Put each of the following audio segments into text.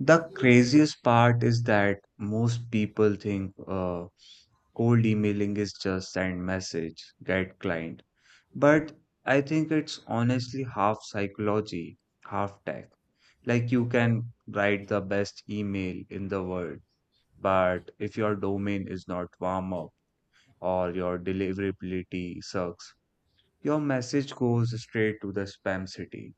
The craziest part is that most people think cold emailing is just send message, get client. But I think it's honestly half psychology, half tech. Like you can write the best email in the world, but if your domain is not warm up or your deliverability sucks, your message goes straight to the spam city.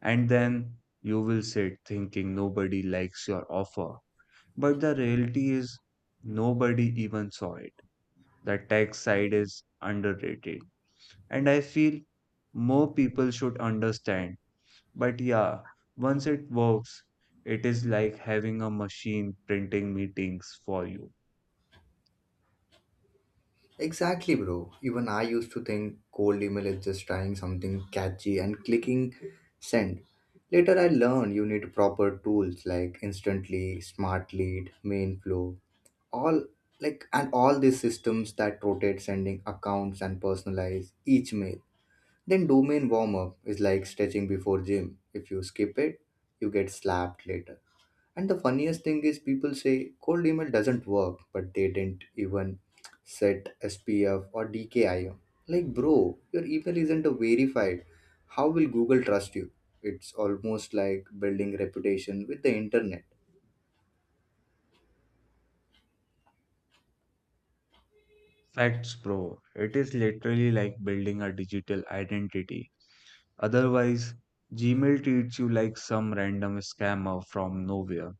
And then you will sit thinking nobody likes your offer. But the reality is, nobody even saw it. The tech side is underrated. And I feel more people should understand. But yeah, once it works, it is like having a machine printing meetings for you. Exactly, bro. Even I used to think cold email is just trying something catchy and clicking send. Later, I learned you need proper tools like Instantly, Smart Lead, Mainflow, all like and all these systems that rotate sending accounts and personalize each mail. Then domain warm up is like stretching before gym. If you skip it, you get slapped later. And the funniest thing is, people say cold email doesn't work, but they didn't even set SPF or DKIM. Like, bro, your email isn't verified. How will Google trust you? It's almost like building reputation with the internet. Facts, bro. It is literally like building a digital identity. Otherwise, Gmail treats you like some random scammer from nowhere.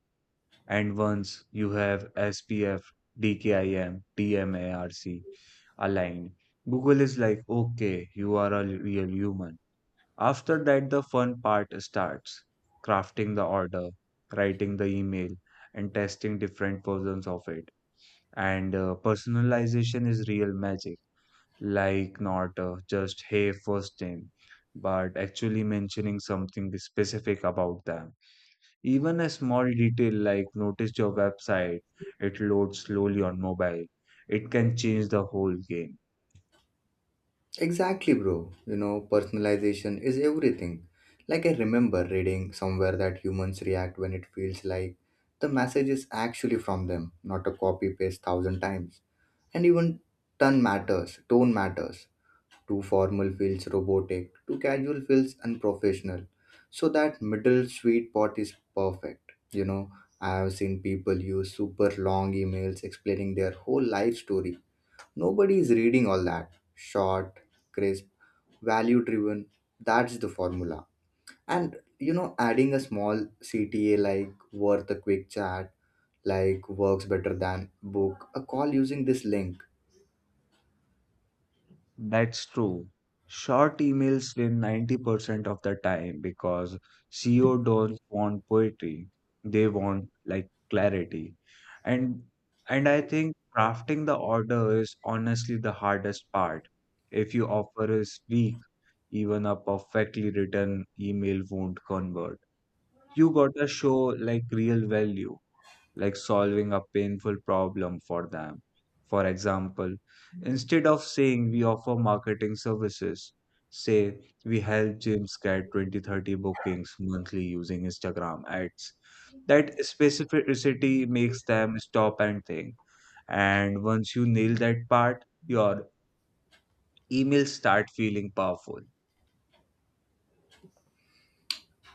And once you have SPF, DKIM, TMARC aligned. Google is like, okay, you are a real human. After that, the fun part starts crafting the order, writing the email, and testing different versions of it. And personalization is real magic, like not just, hey, first name, but actually mentioning something specific about them. Even a small detail like notice your website, it loads slowly on mobile, it can change the whole game. Exactly, bro. You know, personalization is everything. Like, I remember reading somewhere that humans react when it feels like the message is actually from them, not a copy paste thousand times. And even tone matters. Too formal feels robotic, too casual feels unprofessional. So that middle sweet spot is perfect. You know, I have seen people use super long emails explaining their whole life story. Nobody is reading all that. Short, crisp, value driven. That's the formula. And you know, adding a small CTA like worth a quick chat, like works better than book a call using this link. That's true. Short emails win 90% of the time because CEO don't want poetry. They want like clarity. And and I think crafting the order is honestly the hardest part. If your offer is weak, even a perfectly written email won't convert. You gotta show like real value like solving a painful problem for them. For example, instead of saying we offer marketing services, say we help gyms get 20-30 bookings monthly using Instagram ads. That specificity makes them stop and think. And once you nail that part, your emails start feeling powerful.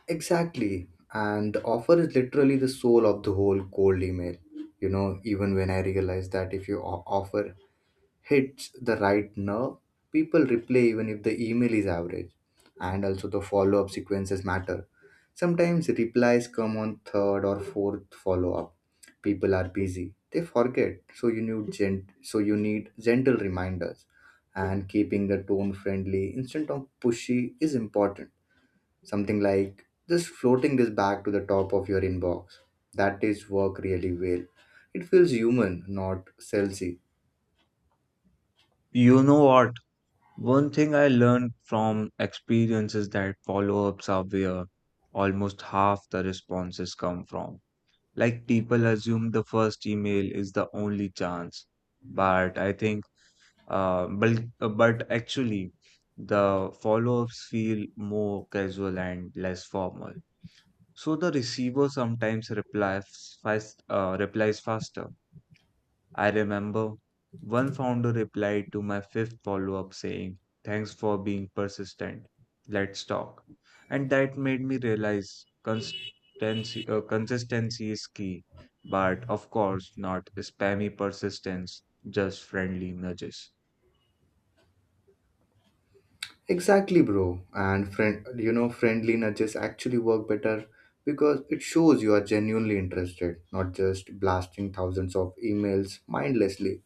Exactly. And the offer is literally the soul of the whole cold email. You know, even when I realize that if your offer hits the right nerve, people reply even if the email is average. And also the follow up sequences matter. Sometimes replies come on third or fourth follow up. People are busy. They forget. So you need gentle reminders. And keeping the tone friendly instead of pushy is important. Something like just floating this back to the top of your inbox. That is work really well. It feels human, not salesy. You know what? One thing I learned from experience is that follow ups are where almost half the responses come from. Like people assume the first email is the only chance, but actually, the follow ups feel more casual and less formal. So the receiver sometimes replies faster. I remember one founder replied to my fifth follow up saying, "Thanks for being persistent. Let's talk." And that made me realize consistency is key, but of course, not spammy persistence, just friendly nudges. Exactly, bro. And you know, friendly nudges actually work better because it shows you are genuinely interested, not just blasting thousands of emails mindlessly.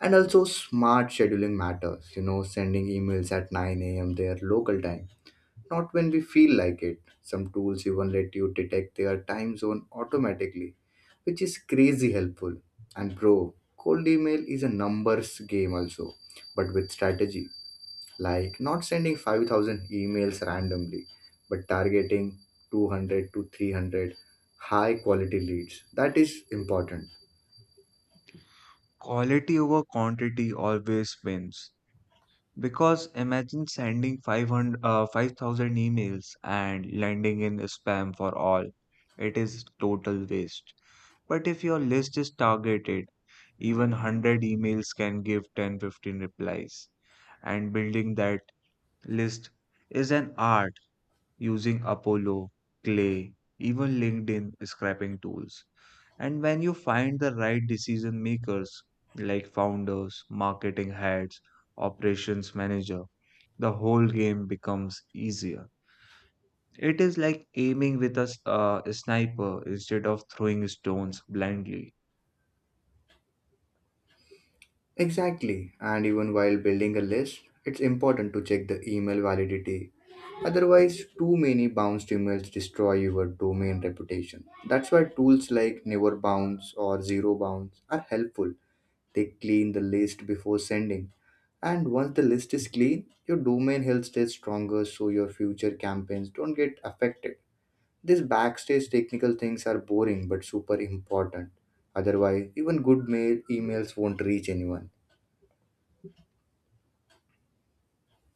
And also, smart scheduling matters. You know, sending emails at 9 a.m. their local time, not when we feel like it. Some tools even let you detect their time zone automatically, which is crazy helpful. And bro, cold email is a numbers game also, but with strategy, like not sending 5,000 emails randomly, but targeting 200 to 300 high quality leads. That is important. Quality over quantity always wins. Because imagine sending 5,000 emails and landing in spam for all. It is total waste. But if your list is targeted, even 100 emails can give 10-15 replies. And building that list is an art using Apollo, Clay, even LinkedIn scraping tools. And when you find the right decision makers, like founders, marketing heads, operations manager, the whole game becomes easier. It is like aiming with a sniper instead of throwing stones blindly. Exactly, and even while building a list, it's important to check the email validity. Otherwise, too many bounced emails destroy your domain reputation. That's why tools like Never Bounce or Zero Bounce are helpful. They clean the list before sending. And once the list is clean, your domain health stays stronger so your future campaigns don't get affected. These backstage technical things are boring but super important. Otherwise, even good mail emails won't reach anyone.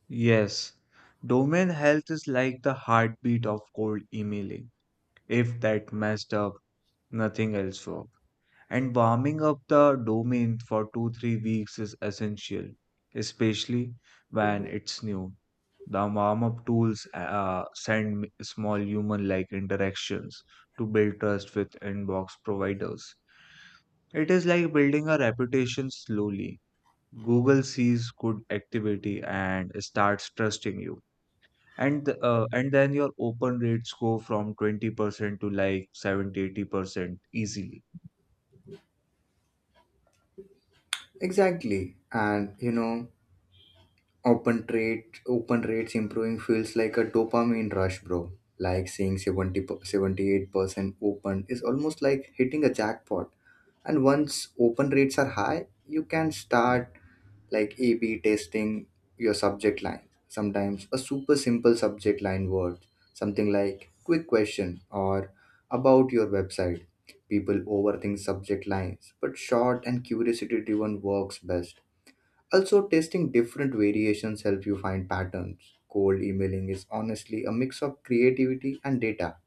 Yes, domain health is like the heartbeat of cold emailing. If that messed up, nothing else worked. And warming up the domain for 2-3 weeks is essential, especially when it's new. The warm up tools send small human like interactions to build trust with inbox providers. It is like building a reputation slowly. Google sees good activity and starts trusting you, and then your open rates go from 20% to like 70, 80% easily. Exactly. And you know, open rates improving feels like a dopamine rush, bro. Like seeing 70, 78% open is almost like hitting a jackpot. And once open rates are high, you can start like A/B testing your subject line. Sometimes a super simple subject line word, something like quick question or about your website. People overthink subject lines, but short and curiosity driven works best. Also, testing different variations help you find patterns. Cold emailing is honestly a mix of creativity and data.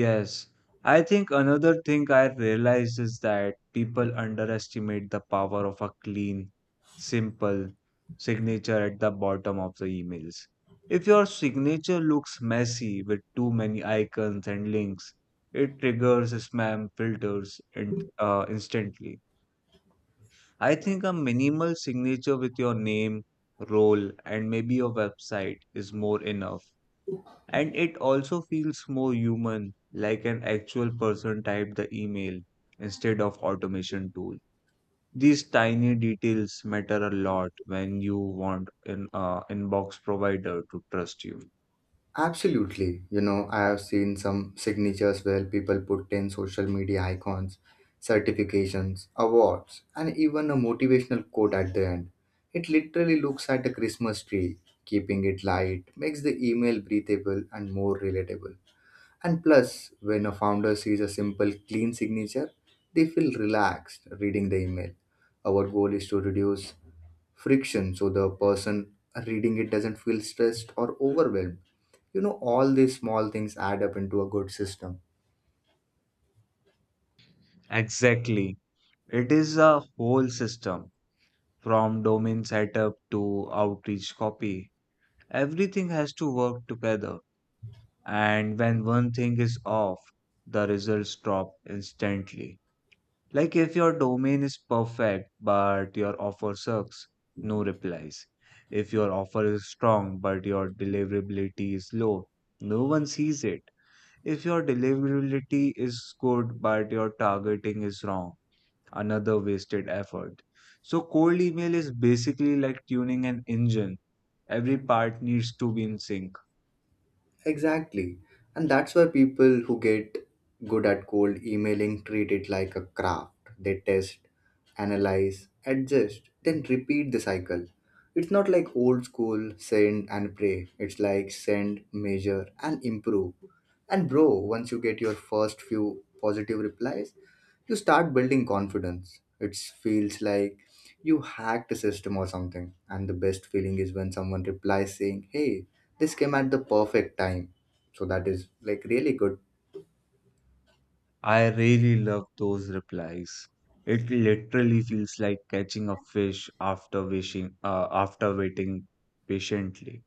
Yes, I think another thing I realized is that people underestimate the power of a clean, simple signature at the bottom of the emails. If your signature looks messy with too many icons and links, it triggers spam filters and instantly. I think a minimal signature with your name, role, and maybe your website is more enough. And it also feels more human, like an actual person typed the email instead of automation tool. These tiny details matter a lot when you want an inbox provider to trust you. Absolutely. You know, I have seen some signatures where people put 10 social media icons, certifications, awards, and even a motivational quote at the end. It literally looks like a Christmas tree. Keeping it light makes the email breathable and more relatable. And plus, when a founder sees a simple, clean signature, they feel relaxed reading the email. Our goal is to reduce friction so the person reading it doesn't feel stressed or overwhelmed. You know, all these small things add up into a good system. Exactly. It is a whole system from domain setup to outreach copy. Everything has to work together, and when one thing is off, the results drop instantly. Like if your domain is perfect but your offer sucks, no replies. If your offer is strong but your deliverability is low, no one sees it. If your deliverability is good but your targeting is wrong, another wasted effort. So cold email is basically like tuning an engine. Every part needs to be in sync. Exactly. And that's why people who get good at cold emailing treat it like a craft. They test, analyze, adjust, then repeat the cycle. It's not like old school send and pray. It's like send, measure, and improve. And bro, once you get your first few positive replies, you start building confidence. It feels like you hacked a system or something. And the best feeling is when someone replies saying, "Hey, this came at the perfect time." So that is like really good. I really love those replies. It literally feels like catching a fish after after waiting patiently.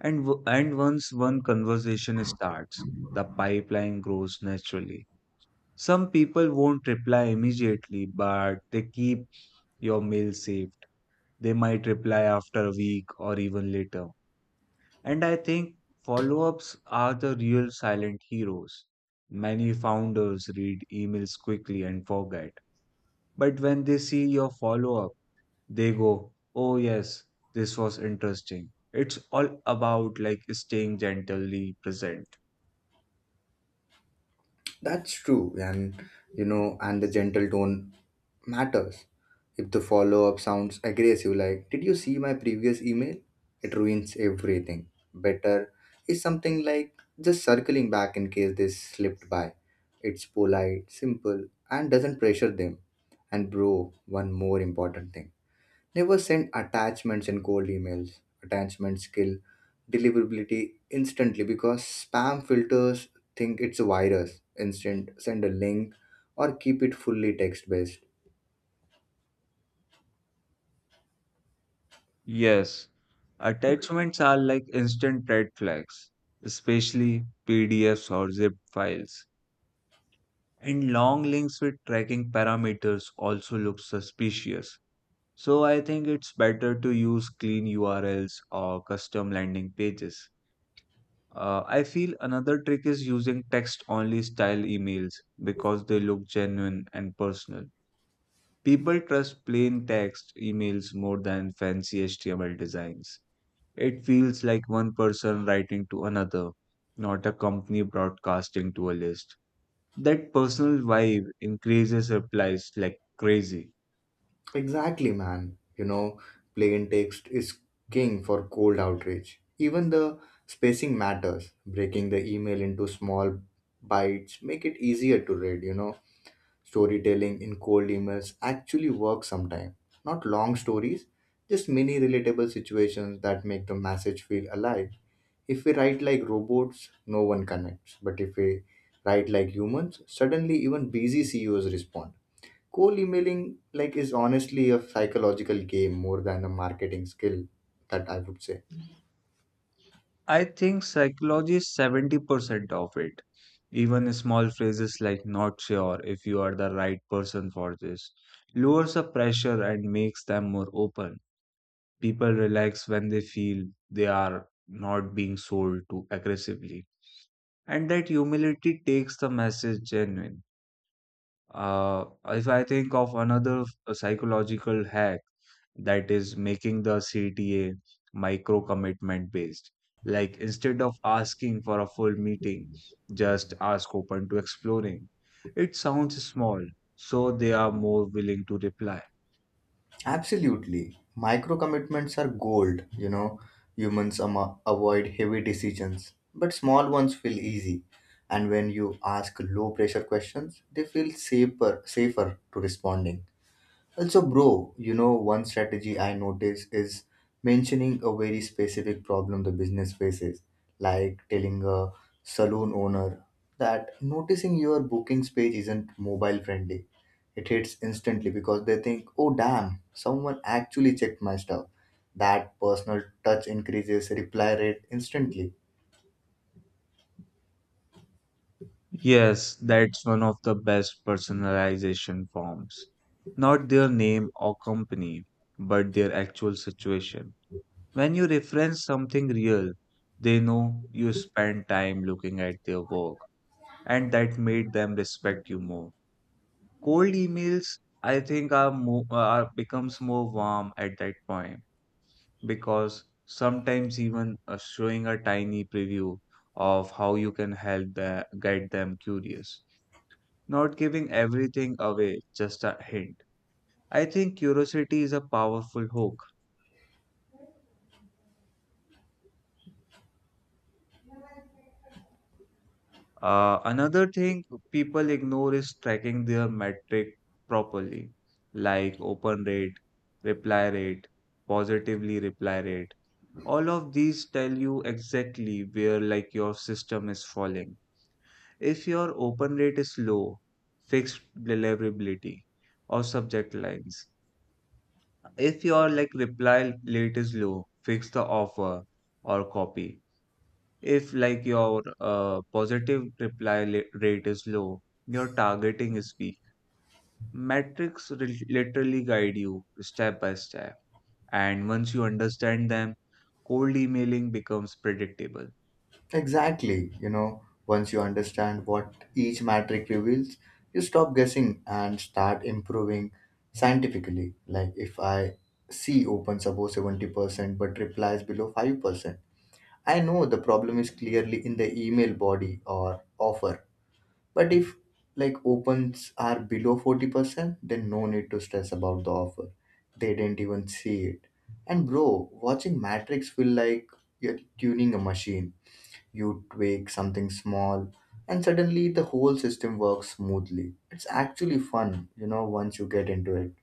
And once one conversation starts, the pipeline grows naturally. Some people won't reply immediately, but they keep your mail saved. They might reply after a week or even later. And I think follow-ups are the real silent heroes. Many founders read emails quickly and forget. But when they see your follow up, they go, "Oh, yes, this was interesting." It's all about like staying gently present. That's true, and you know, and the gentle tone matters. If the follow up sounds aggressive, like, "Did you see my previous email?" It ruins everything. Better is something like just circling back in case they slipped by. It's polite, simple, and doesn't pressure them. And, bro, one more important thing: never send attachments in cold emails. Attachments kill deliverability instantly because spam filters think it's a virus. Instant send a link or keep it fully text based. Yes, attachments are like instant red flags, especially PDFs or zip files. And long links with tracking parameters also look suspicious. So I think it's better to use clean URLs or custom landing pages. I feel another trick is using text only style emails because they look genuine and personal. People trust plain text emails more than fancy HTML designs. It feels like one person writing to another, not a company broadcasting to a list. That personal vibe increases replies like crazy. Exactly, man. You know, plain text is king for cold outreach. Even the spacing matters. Breaking the email into small bites make it easier to read, you know. Storytelling in cold emails actually works sometimes. Not long stories, just mini relatable situations that make the message feel alive. If we write like robots, no one connects. But if we write like humans, suddenly even busy CEOs respond. Cold emailing like is honestly a psychological game more than a marketing skill, that I would say. I think psychology is 70% of it. Even small phrases like not sure if you are the right person for this lowers the pressure and makes them more open. People relax when they feel they are not being sold to aggressively. And that humility takes the message genuine. If I think of another psychological hack, that is making the CTA micro commitment based. Like instead of asking for a full meeting, just ask open to exploring. It sounds small, so they are more willing to reply. Absolutely. Micro commitments are gold, you know. Humans avoid heavy decisions, but small ones feel easy. And when you ask low pressure questions, they feel safer to responding. Also, bro, you know, one strategy I notice is mentioning a very specific problem the business faces, like telling a saloon owner that noticing your bookings page isn't mobile friendly. It hits instantly because they think, oh, damn, someone actually checked my stuff. That personal touch increases reply rate instantly. Yes, that's one of the best personalization forms. Not their name or company, but their actual situation. When you reference something real, they know you spend time looking at their work, and that made them respect you more. Cold emails, I think, are more are becomes more warm at that point because sometimes even showing a tiny preview of how you can help get them curious, not giving everything away, just a hint. I think curiosity is a powerful hook. Another thing people ignore is tracking their metric properly, like open rate, reply rate, positively reply rate. All of these tell you exactly where like your system is falling. If your open rate is low, fixed deliverability or subject lines. If your like reply rate is low, fix the offer or copy. If, like, your positive reply rate is low, your targeting is weak. Metrics literally guide you step by step. And once you understand them, cold emailing becomes predictable. Exactly. You know, once you understand what each metric reveals, you stop guessing and start improving scientifically. Like if I see opens above 70% but replies below 5%, I know the problem is clearly in the email body or offer. But if like opens are below 40%, then no need to stress about the offer. They didn't even see it. And bro, watching Matrix feel like you're tuning a machine, you tweak something small, and suddenly the whole system works smoothly. It's actually fun, you know, once you get into it.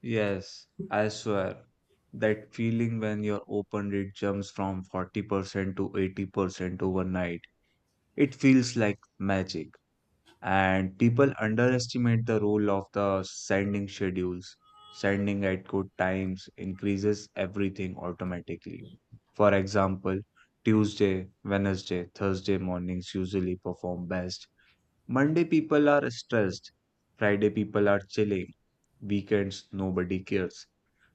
Yes, I swear. That feeling when your open rate jumps from 40% to 80% overnight, it feels like magic. And people underestimate the role of the sending schedules. Sending at good times increases everything automatically. For example, Tuesday, Wednesday, Thursday mornings usually perform best. Monday people are stressed. Friday people are chilling. Weekends nobody cares.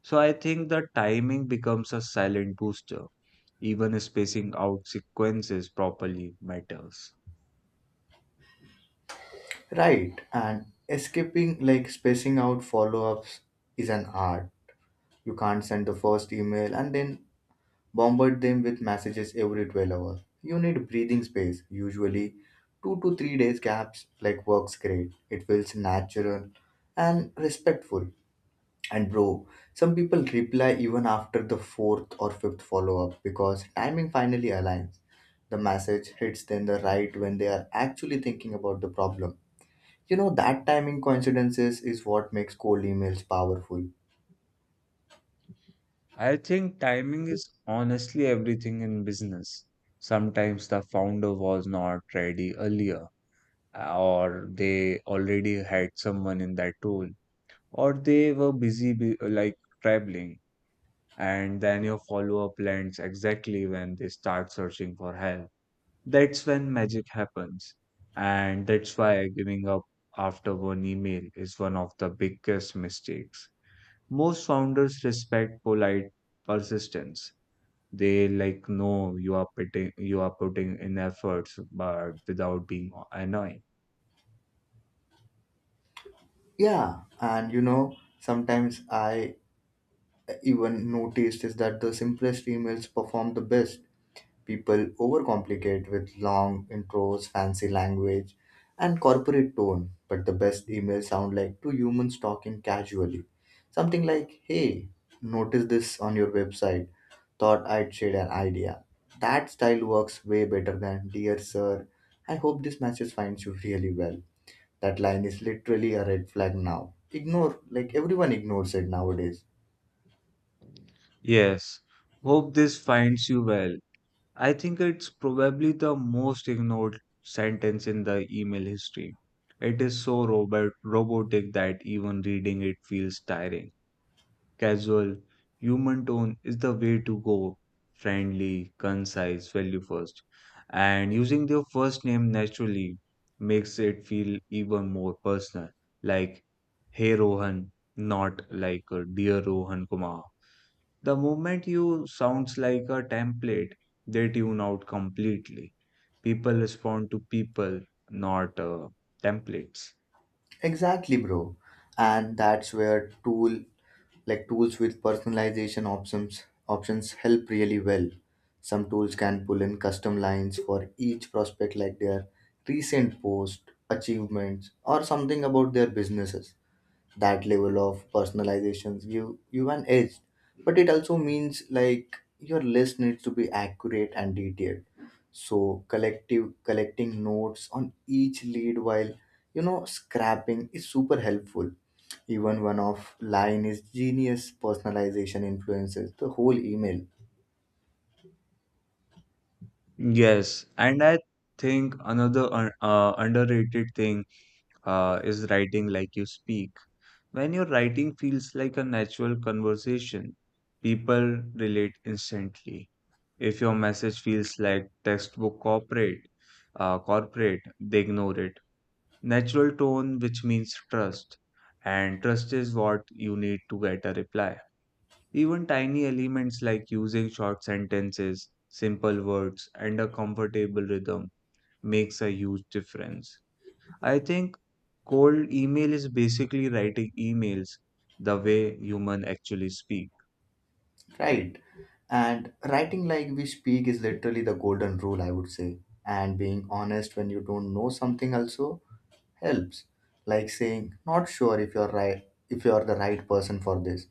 So I think the timing becomes a silent booster. Even spacing out sequences properly matters. Right, and like spacing out follow ups, is an art. You can't send the first email and then bombard them with messages every 12 hours. You need breathing space, usually 2 to 3 days gaps like works great. It feels natural and respectful. And bro, some people reply even after the fourth or fifth follow up because timing finally aligns. The message hits them the right when they are actually thinking about the problem. You know, that timing coincidences is what makes cold emails powerful. I think timing is honestly everything in business. Sometimes the founder was not ready earlier, or they already had someone in that role, or they were busy like traveling, and then your follow-up lands exactly when they start searching for help. That's when magic happens, and that's why giving up after one email is one of the biggest mistakes. Most founders respect polite persistence. They like know you are putting in efforts but without being annoying. Yeah, and you know, sometimes I even noticed is that the simplest emails perform the best. People overcomplicate with long intros, fancy language, and corporate tone, but the best emails sound like two humans talking casually. Something like, "hey, noticed this on your website, thought I'd share an idea." That style works way better than, "dear sir, I hope this message finds you really well." That line is literally a red flag now. Ignore, like everyone ignores it nowadays. Yes, "hope this finds you well", I think it's probably the most ignored sentence in the email history. It is so robotic that even reading it feels tiring. Casual, human tone is the way to go. Friendly, concise, value first. And using their first name naturally makes it feel even more personal. Like, hey Rohan, not like dear Rohan Kumar. The moment you sounds like a template, they tune out completely. People respond to people, not templates. Exactly, bro. And that's where tools with personalization options help really well. Some tools can pull in custom lines for each prospect like their recent post, achievements, or something about their businesses. That level of personalizations give you an edge, but it also means like your list needs to be accurate and detailed. So collective collecting notes on each lead while you know scrapping is super helpful. Even one off line is genius. Personalization influences the whole email. Yes, and I think another underrated thing is writing like you speak. When your writing feels like a natural conversation, people relate instantly. If your message feels like textbook corporate, they ignore it. Natural tone, which means trust, and trust is what you need to get a reply. Even tiny elements like using short sentences, simple words, and a comfortable rhythm makes a huge difference. I think cold email is basically writing emails the way human actually speak. Right, and writing like we speak is literally the golden rule, I would say. And being honest when you don't know something also helps, like saying, "not sure if you're the right person for this."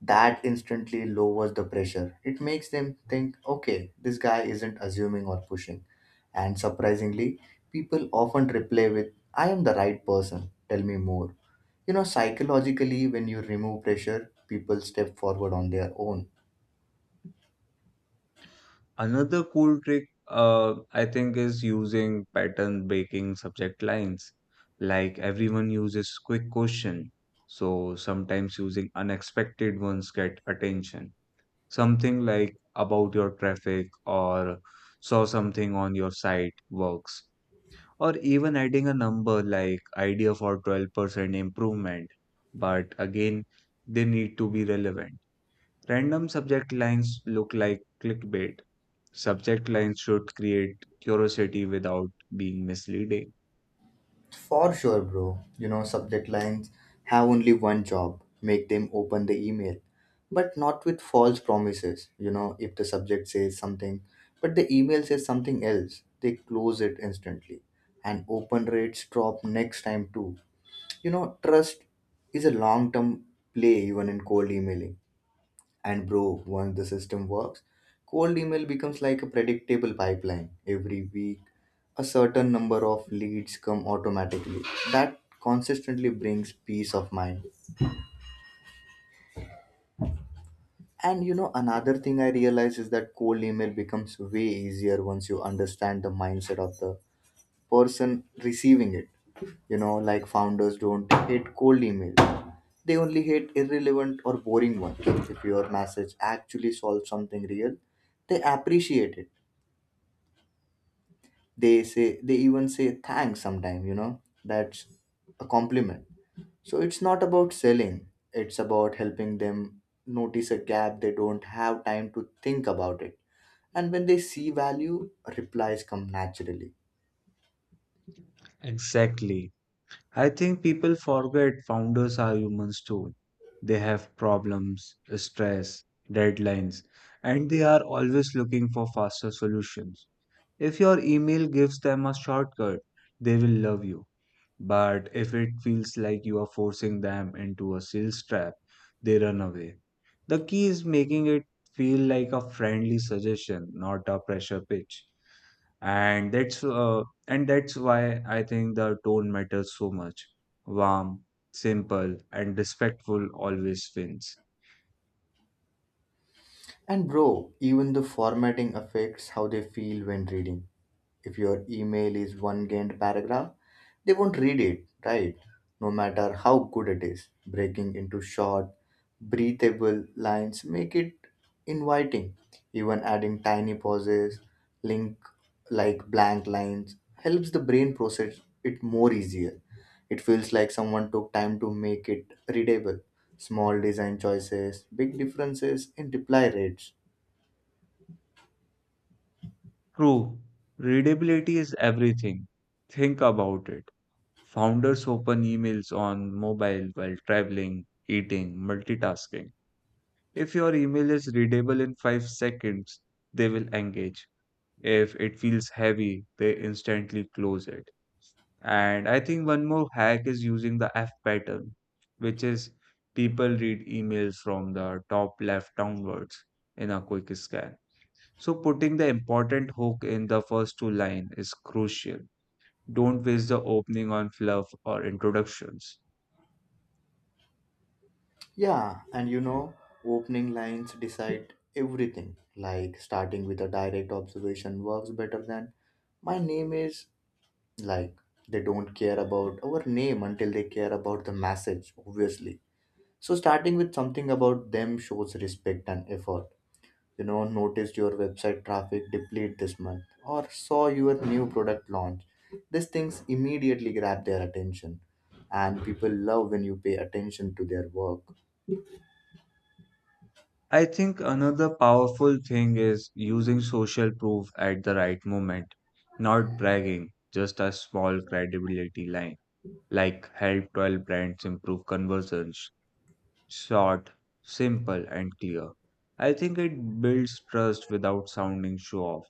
That instantly lowers the pressure. It makes them think, okay, this guy isn't assuming or pushing. And surprisingly, people often reply with, "I am the right person, tell me more." You know, psychologically, when you remove pressure, people step forward on their own. Another cool trick I think is using pattern breaking subject lines. Like everyone uses quick question, so sometimes using unexpected ones get attention. Something like about your traffic or saw something on your site works. Or even adding a number like idea for 12% improvement. But again, they need to be relevant. Random subject lines look like clickbait. Subject lines should create curiosity without being misleading. For sure, bro. You know, subject lines have only one job: make them open the email, but not with false promises. You know, if the subject says something, but the email says something else, they close it instantly. And open rates drop next time too. You know, trust is a long term play even in cold emailing. And bro, once the system works, cold email becomes like a predictable pipeline. Every week, a certain number of leads come automatically. That consistently brings peace of mind. And you know, another thing I realize is that cold email becomes way easier once you understand the mindset of the person receiving it. You know, like founders don't hate cold emails, they only hate irrelevant or boring ones. If your message actually solves something real, they appreciate it. They say, they even say thanks sometime. You know, that's a compliment. So it's not about selling, it's about helping them notice a gap they don't have time to think about it. And when they see value, replies come naturally. Exactly. I think people forget founders are humans too. They have problems, stress, deadlines, and they are always looking for faster solutions. If your email gives them a shortcut, they will love you. But if it feels like you are forcing them into a sales trap, they run away. The key is making it feel like a friendly suggestion, not a pressure pitch. And that's why I think the tone matters so much. Warm, simple, and respectful always wins. And bro, even the formatting affects how they feel when reading. If your email is one giant paragraph, they won't read it, right? No matter how good it is, breaking into short, breathable lines make it inviting. Even adding tiny pauses, link like blank lines helps the brain process it more easier. It feels like someone took time to make it readable. Small design choices, big differences in reply rates. True, readability is everything. Think about it. Founders open emails on mobile while traveling, eating, multitasking. If your email is readable in 5 seconds, they will engage. If it feels heavy, they instantly close it. And I think one more hack is using the F pattern, which is people read emails from the top left downwards in a quick scan. So putting the important hook in the first two lines is crucial. Don't waste the opening on fluff or introductions. Yeah, and you know, opening lines decide everything. Like starting with a direct observation works better than "my name is." Like they don't care about our name until they care about the message, obviously. So starting with something about them shows respect and effort. You know, "noticed your website traffic deplete this month" or "saw your new product launch." These things immediately grab their attention, and people love when you pay attention to their work. I think another powerful thing is using social proof at the right moment, not bragging, just a small credibility line, like help 12 brands improve conversions. Short, simple, and clear. I think it builds trust without sounding show off,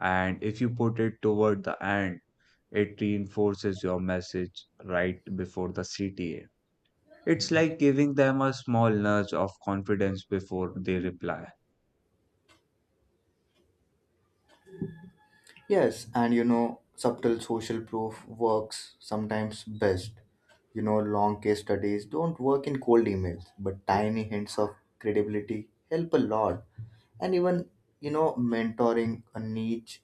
and if you put it toward the end, it reinforces your message right before the CTA. It's like giving them a small nudge of confidence before they reply. Yes, and you know, subtle social proof works sometimes best. You know, long case studies don't work in cold emails, but tiny hints of credibility help a lot. And even, you know, mentoring a niche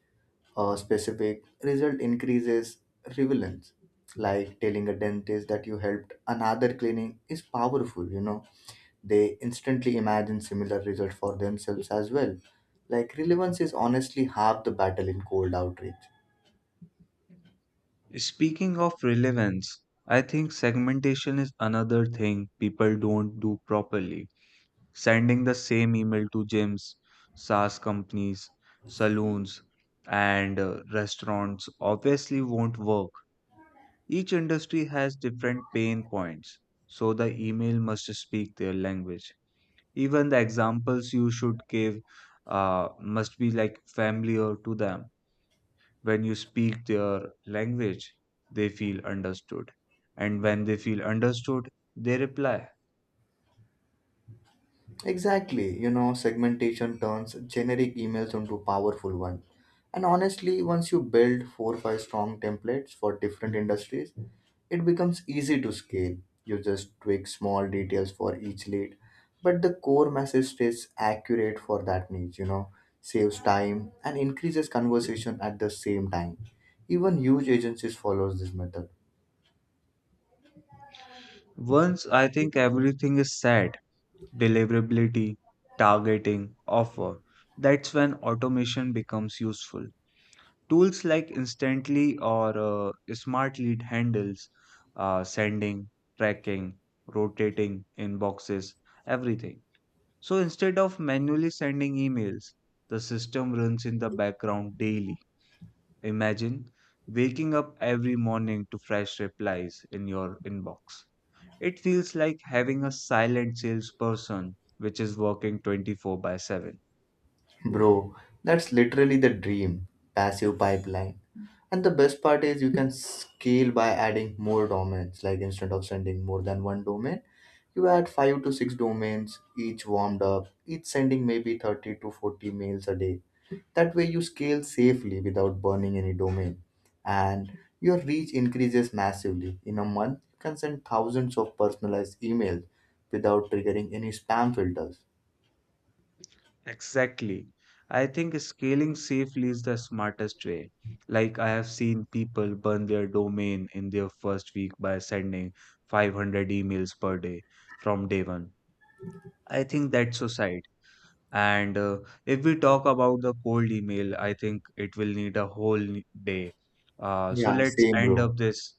specific result increases relevance. Like telling a dentist that you helped another clinic is powerful, you know, they instantly imagine similar results for themselves as well. Like relevance is honestly half the battle in cold outreach. Speaking of relevance, I think segmentation is another thing people don't do properly. Sending the same email to gyms, SaaS companies, saloons, and restaurants obviously won't work. Each industry has different pain points, so the email must speak their language. Even the examples you should give must be like familiar to them. When you speak their language, they feel understood. And when they feel understood, they reply. Exactly, you know, segmentation turns generic emails into powerful ones. And honestly, once you build four or five strong templates for different industries, it becomes easy to scale. You just tweak small details for each lead, but the core message stays accurate for that niche, you know, saves time and increases conversation at the same time. Even huge agencies follows this method. Once I think everything is said, deliverability, targeting, offer, that's when automation becomes useful. Tools like Instantly or Smart Lead handles, sending, tracking, rotating inboxes, everything. So instead of manually sending emails, the system runs in the background daily. Imagine waking up every morning to fresh replies in your inbox. It feels like having a silent salesperson which is working 24 by 7. Bro, that's literally the dream passive pipeline. And the best part is you can scale by adding more domains. Like instead of sending more than one domain, you add five to six domains, each warmed up, each sending maybe 30 to 40 mails a day. That way you scale safely without burning any domain. And your reach increases massively. In a month, you can send thousands of personalized emails without triggering any spam filters. Exactly. I think scaling safely is the smartest way. Like, I have seen people burn their domain in their first week by sending 500 emails per day from day one. I think that's suicide. And if we talk about the cold email, I think it will need a whole day. So Yeah, let's same, end bro. up this,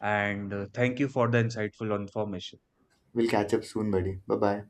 and thank you for the insightful information. We'll catch up soon, buddy. Bye bye.